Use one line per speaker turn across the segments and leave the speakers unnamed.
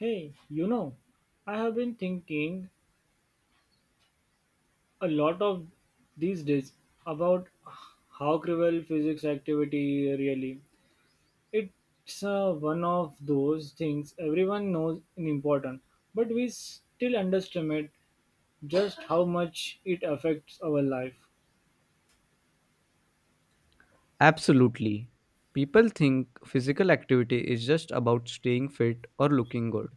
Hey, you know, I have been thinking a lot of these days about how cruel physics activity really. It's one of those things everyone knows is important, but we still underestimate just how much it affects our life.
Absolutely. People think physical activity is just about staying fit or looking good.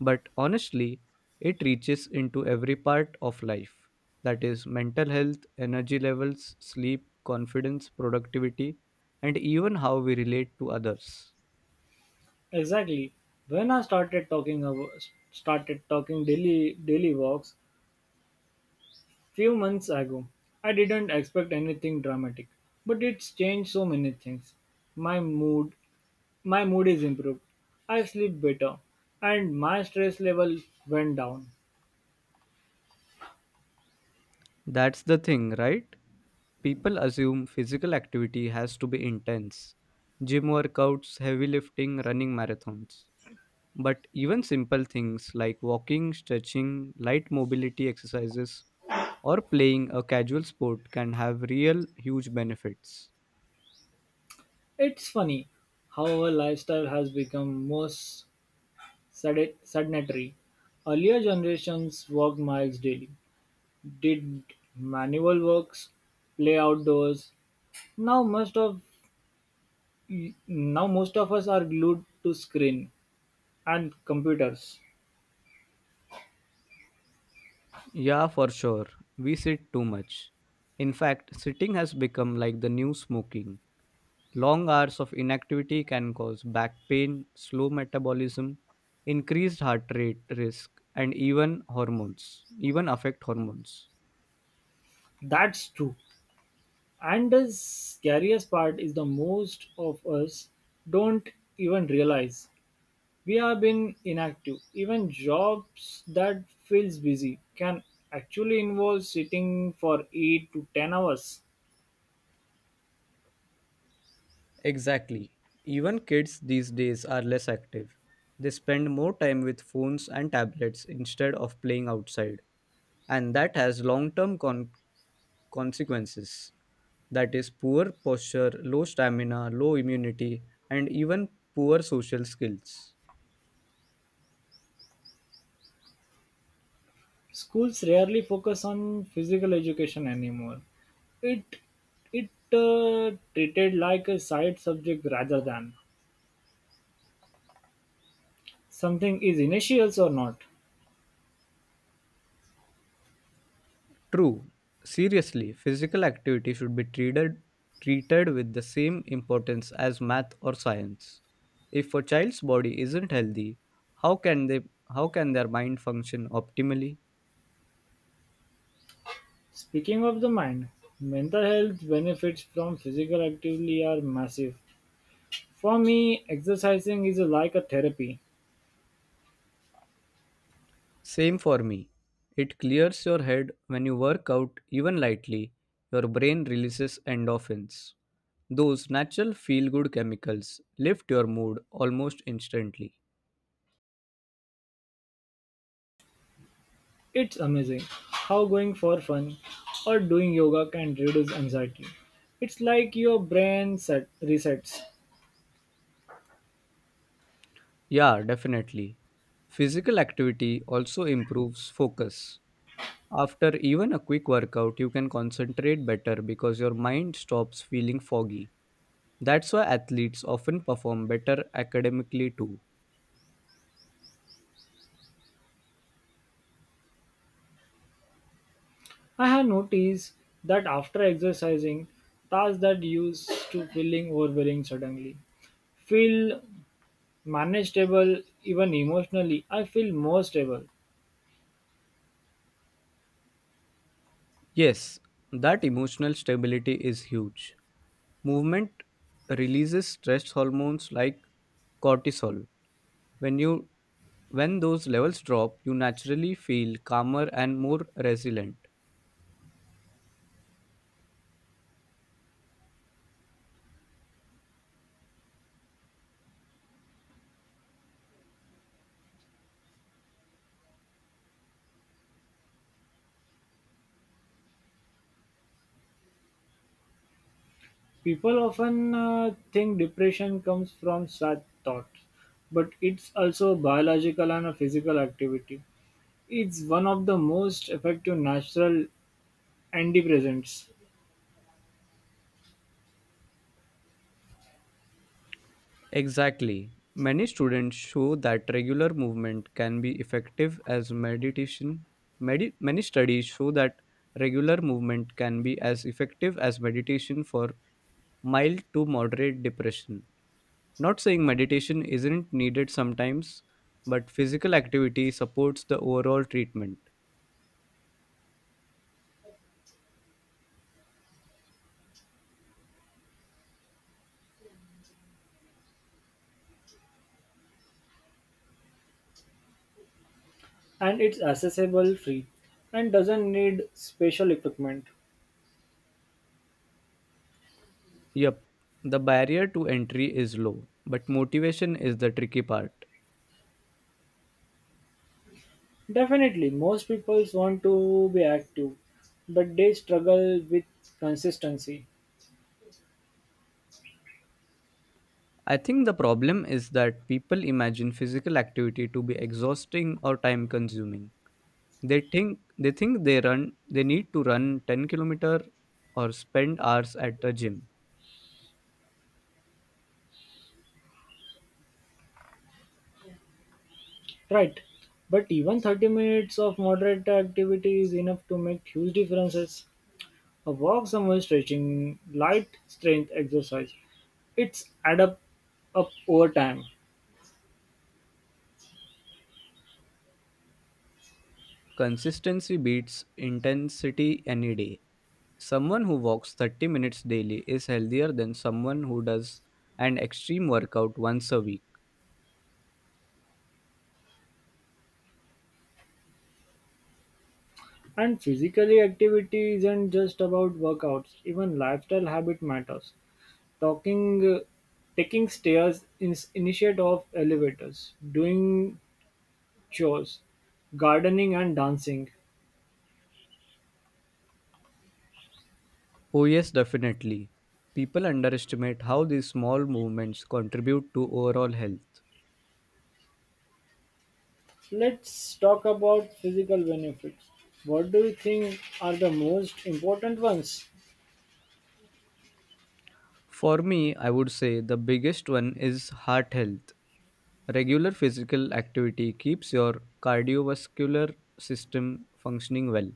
But honestly, it reaches into every part of life, that is, mental health, energy levels, sleep, confidence, productivity, and even how we relate to others.
Exactly. When I started talking about started talking daily walks, few months ago, I didn't expect anything dramatic, but it's changed so many things. My mood, my mood is improved. I sleep better, and my stress level went down.
That's the thing, right? People assume physical activity has to be intense gym workouts, heavy lifting, running marathons. But even simple things like walking, stretching, light mobility exercises, or playing a casual sport can have real huge benefits.
It's funny how our lifestyle has become more sedentary. Earlier generations worked miles daily, did manual works, play outdoors. Now most of Now most of us are glued to screen and computers.
Yeah, for sure. We sit too much. In fact, sitting has become like the new smoking. Long hours of inactivity can cause back pain, slow metabolism, increased heart rate risk, and even hormones, even affect hormones.
That's true. And the scariest part is the most of us don't even realize we have been inactive. Even jobs that feels busy can actually involve sitting for 8 to 10 hours.
Exactly. Even kids these days are less active. They spend more time with phones and tablets instead of playing outside. And that has long term consequences. That is, poor posture, low stamina, low immunity, and even poor social skills.
Schools rarely focus on physical education anymore. It it treated like a side subject rather than something is initials or not.
True. Seriously, physical activity should be treated with the same importance as math or science. If a child's body isn't healthy, how can they how can their mind function optimally?
Speaking of the mind, mental health benefits from physical activity are massive. For me, exercising is like a therapy.
Same for me. It clears your head when you work out even lightly. Your brain releases endorphins. Those natural feel good chemicals lift your mood almost instantly.
It's amazing how going for fun or doing yoga can reduce anxiety. It's like your brain set resets.
Yeah, definitely. Physical activity also improves focus. After even a quick workout, you can concentrate better because your mind stops feeling foggy. That's why athletes often perform better academically too.
I have noticed that after exercising, tasks that used to feeling overwhelming suddenly feel manageable. Even emotionally I feel more stable.
Yes, that emotional stability is huge. Movement releases stress hormones like cortisol. When you when those levels drop, you naturally feel calmer and more resilient.
People often think depression comes from sad thoughts, but it's also a biological and a physical activity. It's one of the most effective natural antidepressants,
Exactly. Many students show that regular movement can be effective as meditation. Many studies show that regular movement can be as effective as meditation for mild to moderate depression. Not saying meditation isn't needed sometimes, but physical activity supports the overall treatment.
and it's accessible free and doesn't need special equipment.
Yep, the barrier to entry is low, but motivation is the tricky part.
Definitely, most people want to be active, but they struggle with consistency.
I think the problem is that people imagine physical activity to be exhausting or time consuming. They think they need to run 10 kilometer or spend hours at the gym.
Right, but even 30 minutes of moderate activity is enough to make huge differences. A walk somewhere, stretching, light strength exercise. It's up over time.
Consistency beats intensity any day. Someone who walks 30 minutes daily is healthier than someone who does an extreme workout once a week.
And physically activity isn't just about workouts. Even lifestyle habit matters. Talking, uh, Taking stairs in, initiate of elevators, doing chores, gardening and dancing.
Oh yes, definitely. People underestimate how these small movements contribute to overall health.
Let's talk about physical benefits. What do you think are the most important ones?
For me, I would say the biggest one is heart health. Regular physical activity keeps your cardiovascular system functioning well,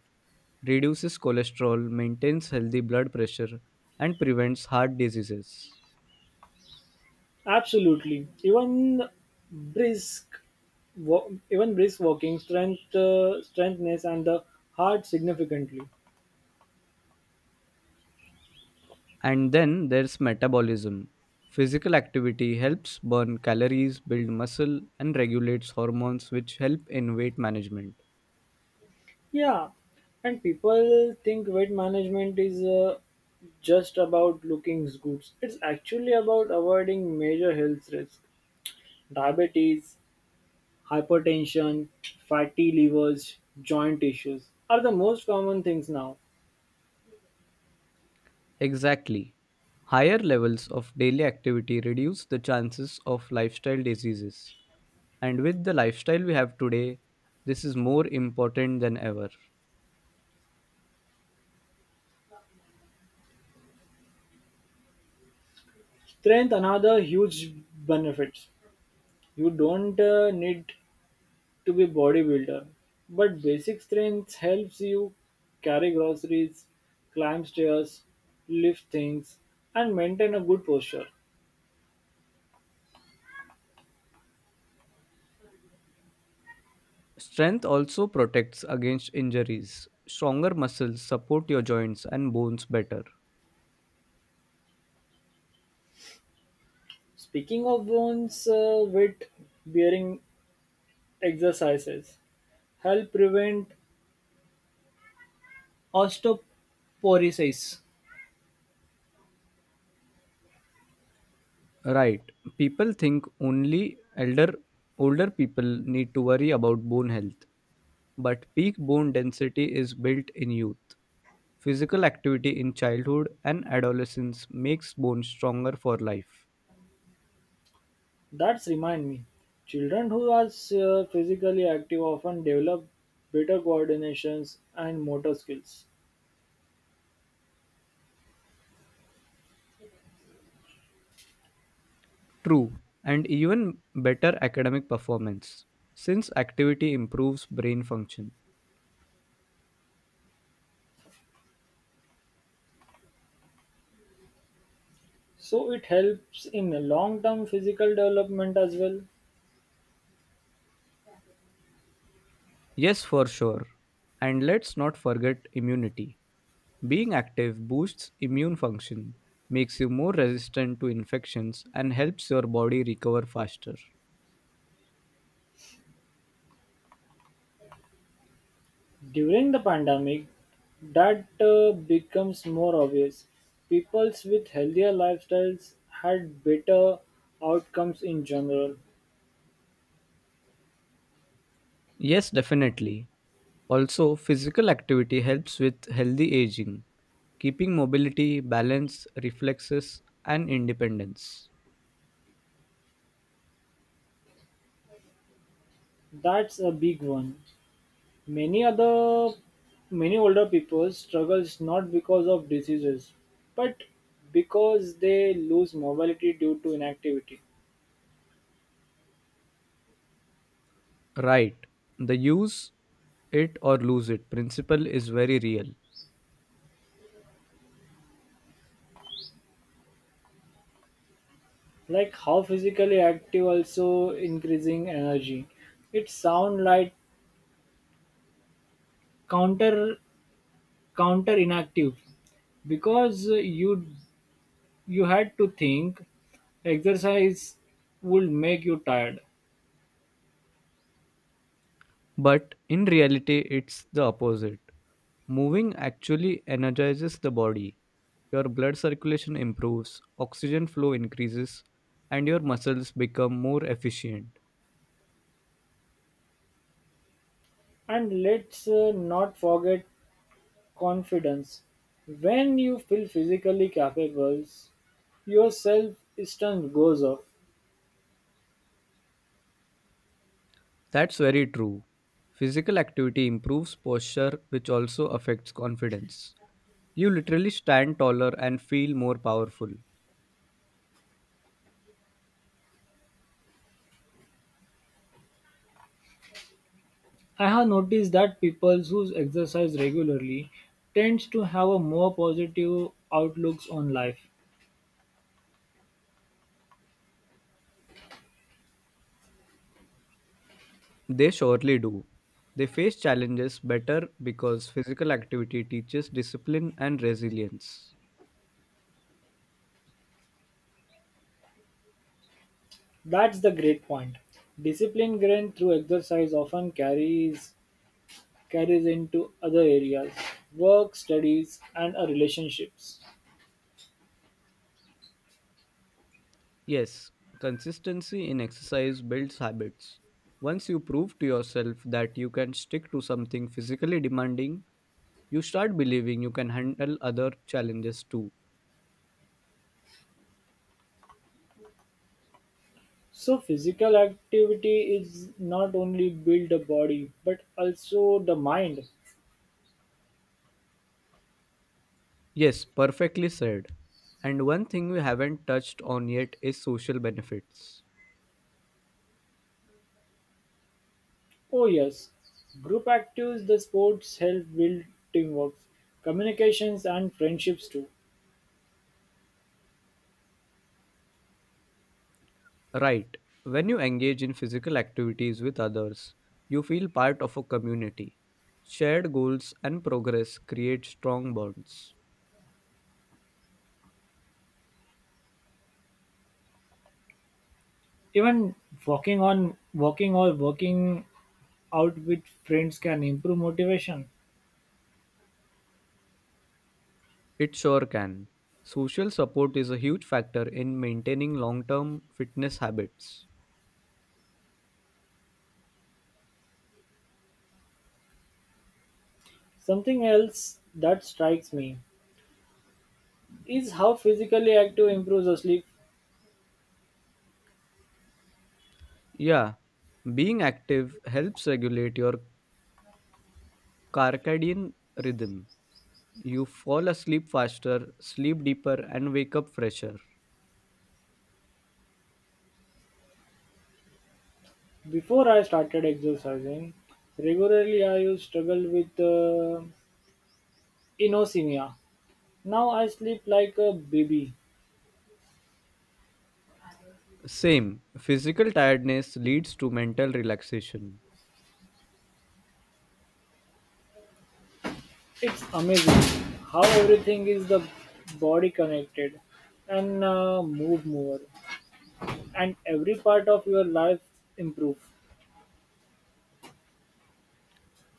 reduces cholesterol, maintains healthy blood pressure, and prevents heart diseases.
Absolutely. Even brisk, even brisk walking strength, strengthness, and the heart significantly.
And then there's metabolism. Physical activity helps burn calories, build muscle, and regulates hormones, which help in weight management.
Yeah, and people think weight management is just about looking good. It's actually about avoiding major health risks: diabetes, hypertension, fatty livers, joint issues are the most common things now.
Exactly. Higher levels of daily activity reduce the chances of lifestyle diseases. And with the lifestyle we have today, this is more important than ever.
Strength, another huge benefits. You don't need to be bodybuilder but basic strength helps you carry groceries, climb stairs, lift things, and maintain a good posture.
Strength also protects against injuries. Stronger muscles support your joints and bones better.
Speaking of bones, weight bearing exercises help prevent osteoporosis.
Right. People think only elder older people need to worry about bone health, but peak bone density is built in youth. Physical activity in childhood and adolescence makes bones stronger for life.
That's remind me, children who are physically active often develop better coordinations and motor skills,
True, and even better academic performance, since activity improves brain function.
so it helps in long term physical development as well.
Yes, for sure. And let's not forget immunity. Being active boosts immune function, makes you more resistant to infections, and helps your body recover faster.
During the pandemic, that becomes more obvious. Peoples with healthier lifestyles had better outcomes in general.
Yes, definitely. Also, physical activity helps with healthy aging, keeping mobility, balance, reflexes, and independence.
That's a big one. Many other Many older people struggles not because of diseases, but because they lose mobility due to inactivity.
Right, the use it or lose it principle is very real,
Like how physically active also increasing energy. It sound like counter counter inactive because you had to think exercise would make you tired.
but in reality, it's the opposite. Moving actually energizes the body. Your blood circulation improves, oxygen flow increases, and your muscles become more efficient.
And let's not forget confidence. When you feel physically capable your self esteem goes up.
That's very true. Physical activity improves posture, which also affects confidence. You literally stand taller and feel more powerful.
I have noticed that people who exercise regularly tends to have a more positive outlooks on life.
They surely do. They face challenges better because physical activity teaches discipline and resilience.
That's the great point. Discipline gained through exercise often carries into other areas: work, studies, and our relationships.
Yes, consistency in exercise builds habits. Once you prove to yourself that you can stick to something physically demanding, you start believing you can handle other challenges too.
So, physical activity is not only build the body but also the mind.
Yes, perfectly said. And one thing we haven't touched on yet is social benefits.
Oh, yes, group activities, the sports help build teamwork, communications, and friendships too.
Right. When you engage in physical activities with others, you feel part of a community. Shared goals and progress create strong bonds.
Even walking or working out with friends can improve motivation.
It sure can. Social support is a huge factor in maintaining long term fitness habits.
Something else that strikes me is how physically active improves our sleep.
Yeah, being active helps regulate your circadian rhythm. You fall asleep faster, sleep deeper, and wake up fresher.
Before I started exercising regularly, I used struggle with inosmia. Now I sleep like a baby.
Same, physical tiredness leads to mental relaxation.
It's amazing how everything is the body connected, and move more, and every part of your life improve.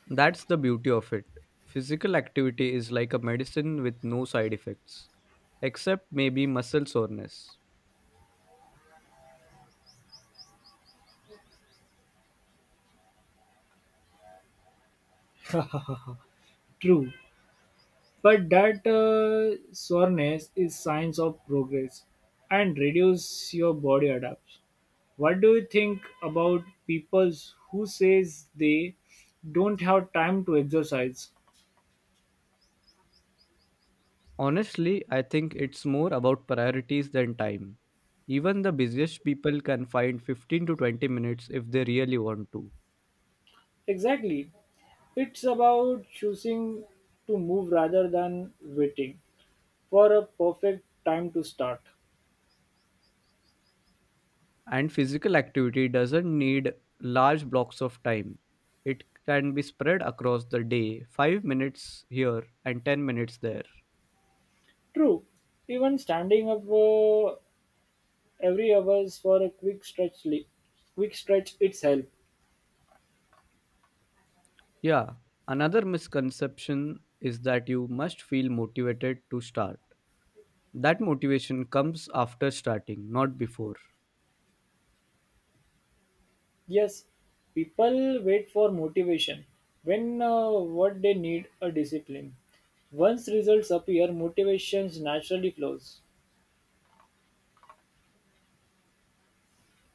That's the beauty of it. Physical activity is like a medicine with no side effects, except maybe muscle soreness.
True. But that soreness is signs of progress and reduce your body adapts. What do you think about people who says they don't have time to exercise?
Honestly, I think it's more about priorities than time. Even the busiest people can find 15 to 20 minutes if they really want to.
Exactly. It's about choosing to move rather than waiting for a perfect time to start.
And physical activity doesn't need large blocks of time. It can be spread across the day, 5 minutes here and 10 minutes there.
True. Even standing up every hours for a quick stretch, it's help.
Yeah, another misconception is that you must feel motivated to start. That motivation comes after starting, not before.
Yes, people wait for motivation when what they need a discipline. Once results appear, motivations naturally flows.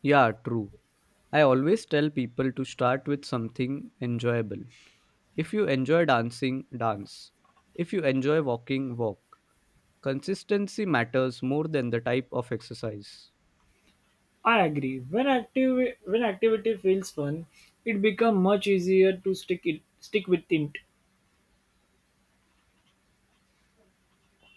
Yeah, true. I always tell people to start with something enjoyable. If you enjoy dancing, dance. If you enjoy walking, walk. Consistency matters more than the type of exercise.
I agree. When activity feels fun, it becomes much easier to stick with it.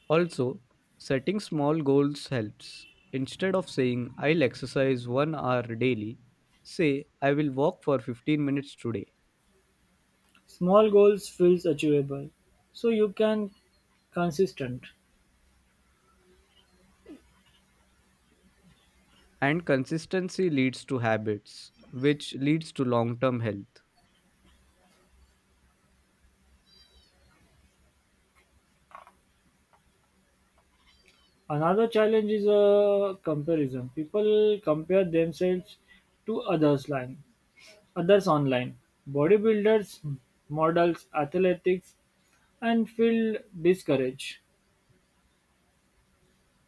Also, setting small goals helps. Instead of saying, I'll exercise 1 hour daily, say, I will walk for 15 minutes today.
Small goals feels achievable, so you can consistent.
And consistency leads to habits, which leads to long term health.
Another challenge is a comparison. People compare themselves to others' line others online: bodybuilders, models, athletics, and feel discouraged.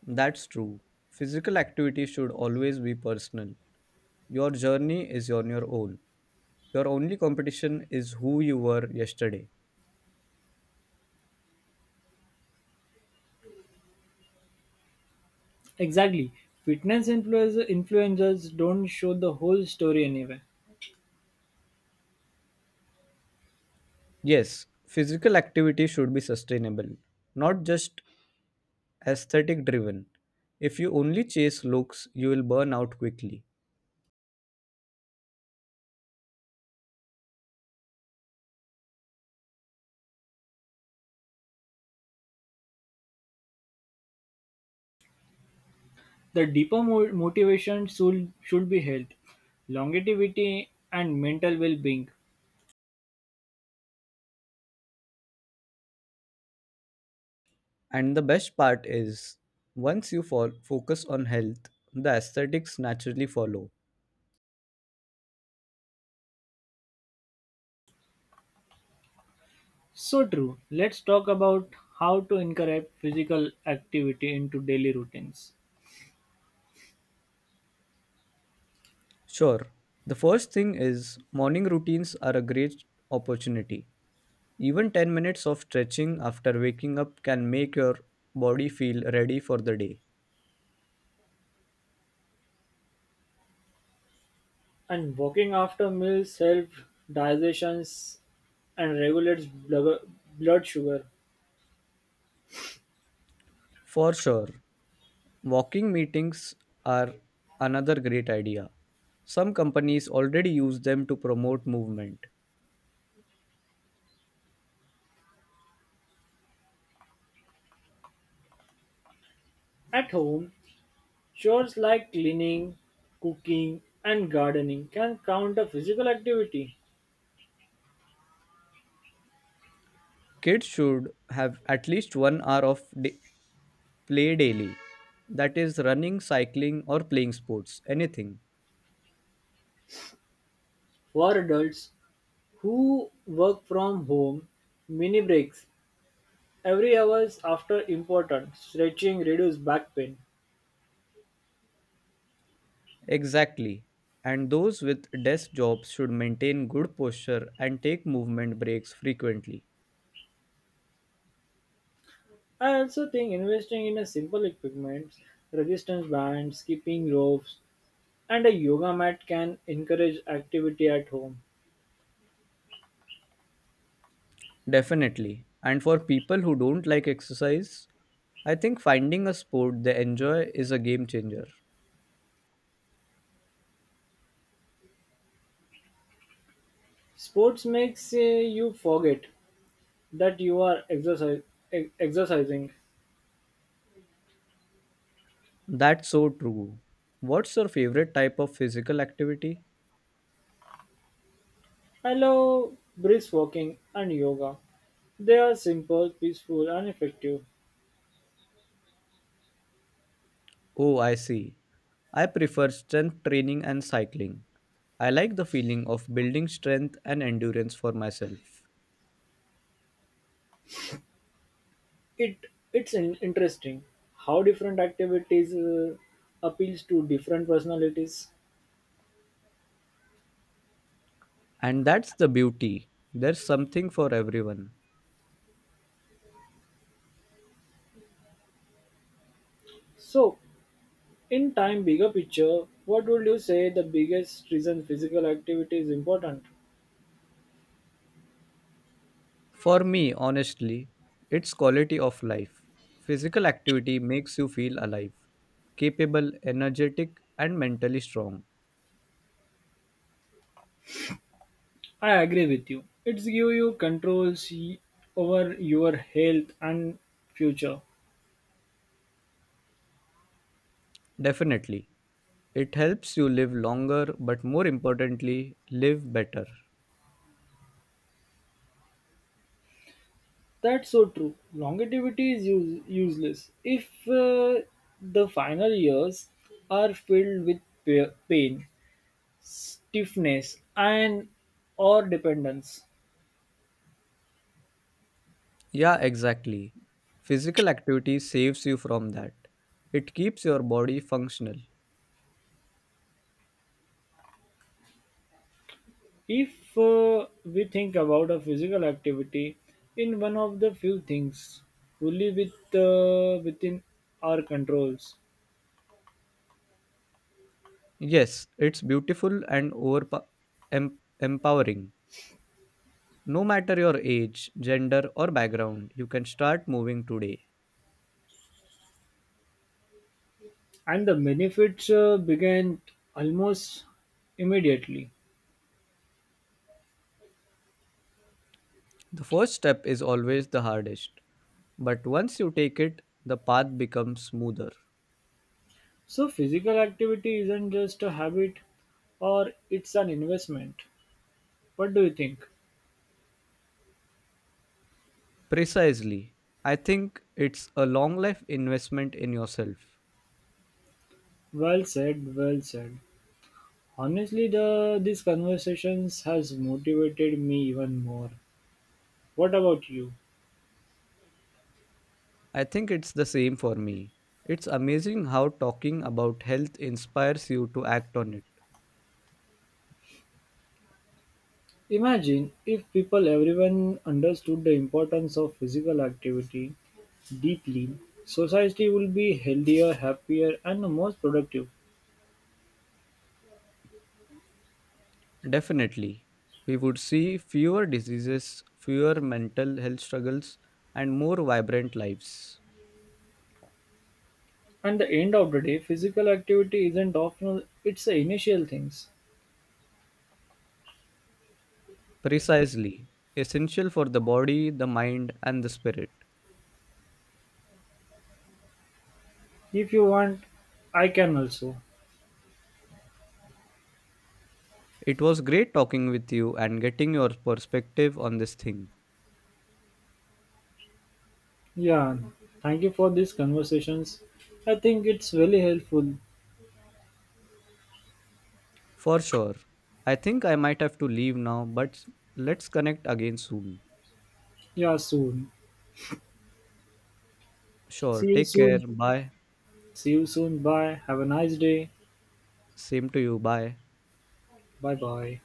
That's true. Physical activity should always be personal. Your journey is on your own. Your only competition is who you were yesterday.
Exactly. Fitness influencers don't show the whole story anyway.
Yes, physical activity should be sustainable, not just aesthetic driven. If you only chase looks, you will burn out quickly.
The deeper motivation should be health, longevity, and mental well being.
And the best part is, once you focus on health, the aesthetics naturally follow.
So true. Let's talk about how to incorporate physical activity into daily routines.
Sure, the first thing is morning routines are a great opportunity. Even 10 minutes of stretching after waking up can make your body feel ready for the day.
And walking after meals helps digestion and regulates blood sugar.
For sure, walking meetings are another great idea. Some companies already use them to promote movement.
At home, chores like cleaning, cooking, and gardening can count as physical activity.
Kids should have at least 1 hour of play daily. That is running, cycling, or playing sports, anything.
For adults who work from home, mini breaks every hours after important. Stretching reduces back pain.
Exactly. And those with desk jobs should maintain good posture and take movement breaks frequently.
I also think investing in a simple equipment, resistance bands, skipping ropes, and a yoga mat can encourage activity at home.
Definitely. And for people who don't like exercise, I think finding a sport they enjoy is a game changer.
Sports makes you forget that you are exercising.
That's so true. What's your favorite type of physical activity?
I love brisk walking and yoga. They are simple, peaceful, and effective.
Oh, I see. I prefer strength training and cycling. I like the feeling of building strength and endurance for myself.
It it's interesting how different activities appeals to different personalities.
And that's the beauty. There's something for everyone.
So, in time, bigger picture, what would you say the biggest reason physical activity is important?
For me, honestly, it's quality of life. Physical activity makes you feel alive, capable, energetic, and mentally strong.
I agree with you. It's give you over your health and future.
Definitely. It helps you live longer, but more importantly, live better.
That's so true. Longevity is useless if the final years are filled with pain, stiffness, and or dependence.
Yeah, exactly. Physical activity saves you from that. It keeps your body functional.
If we think about a physical activity in one of the few things fully with within our controls
Yes, it's beautiful and empowering. No matter your age, gender, or background, you can start moving today.
and the benefits began almost immediately.
The first step is always the hardest, but once you take it, the path becomes smoother.
So, physical activity isn't just a habit or it's an investment. What do you think?
Precisely. I think it's a long life investment in yourself.
Well said, well said. Honestly, the these conversations has motivated me even more. What about you?
I think it's the same for me. It's amazing how talking about health inspires you to act on it.
Imagine if people everyone understood the importance of physical activity deeply, society will be healthier, happier, and more productive.
Definitely. We would see fewer diseases, fewer mental health struggles, and more vibrant lives.
At the end of the day, physical activity isn't optional, it's the initial things.
Precisely. Essential for the body, the mind, and the spirit.
If you want, I can also.
It was great talking with you and getting your perspective on this thing.
Yeah, thank you for these conversations. I think it's really helpful.
For sure. I think I might have to leave now, but let's connect again soon.
Yeah, soon.
Sure.
See you
Take care.
soon.
Bye.
See you soon. Bye. Have a nice day.
Same to you. Bye.
Bye bye.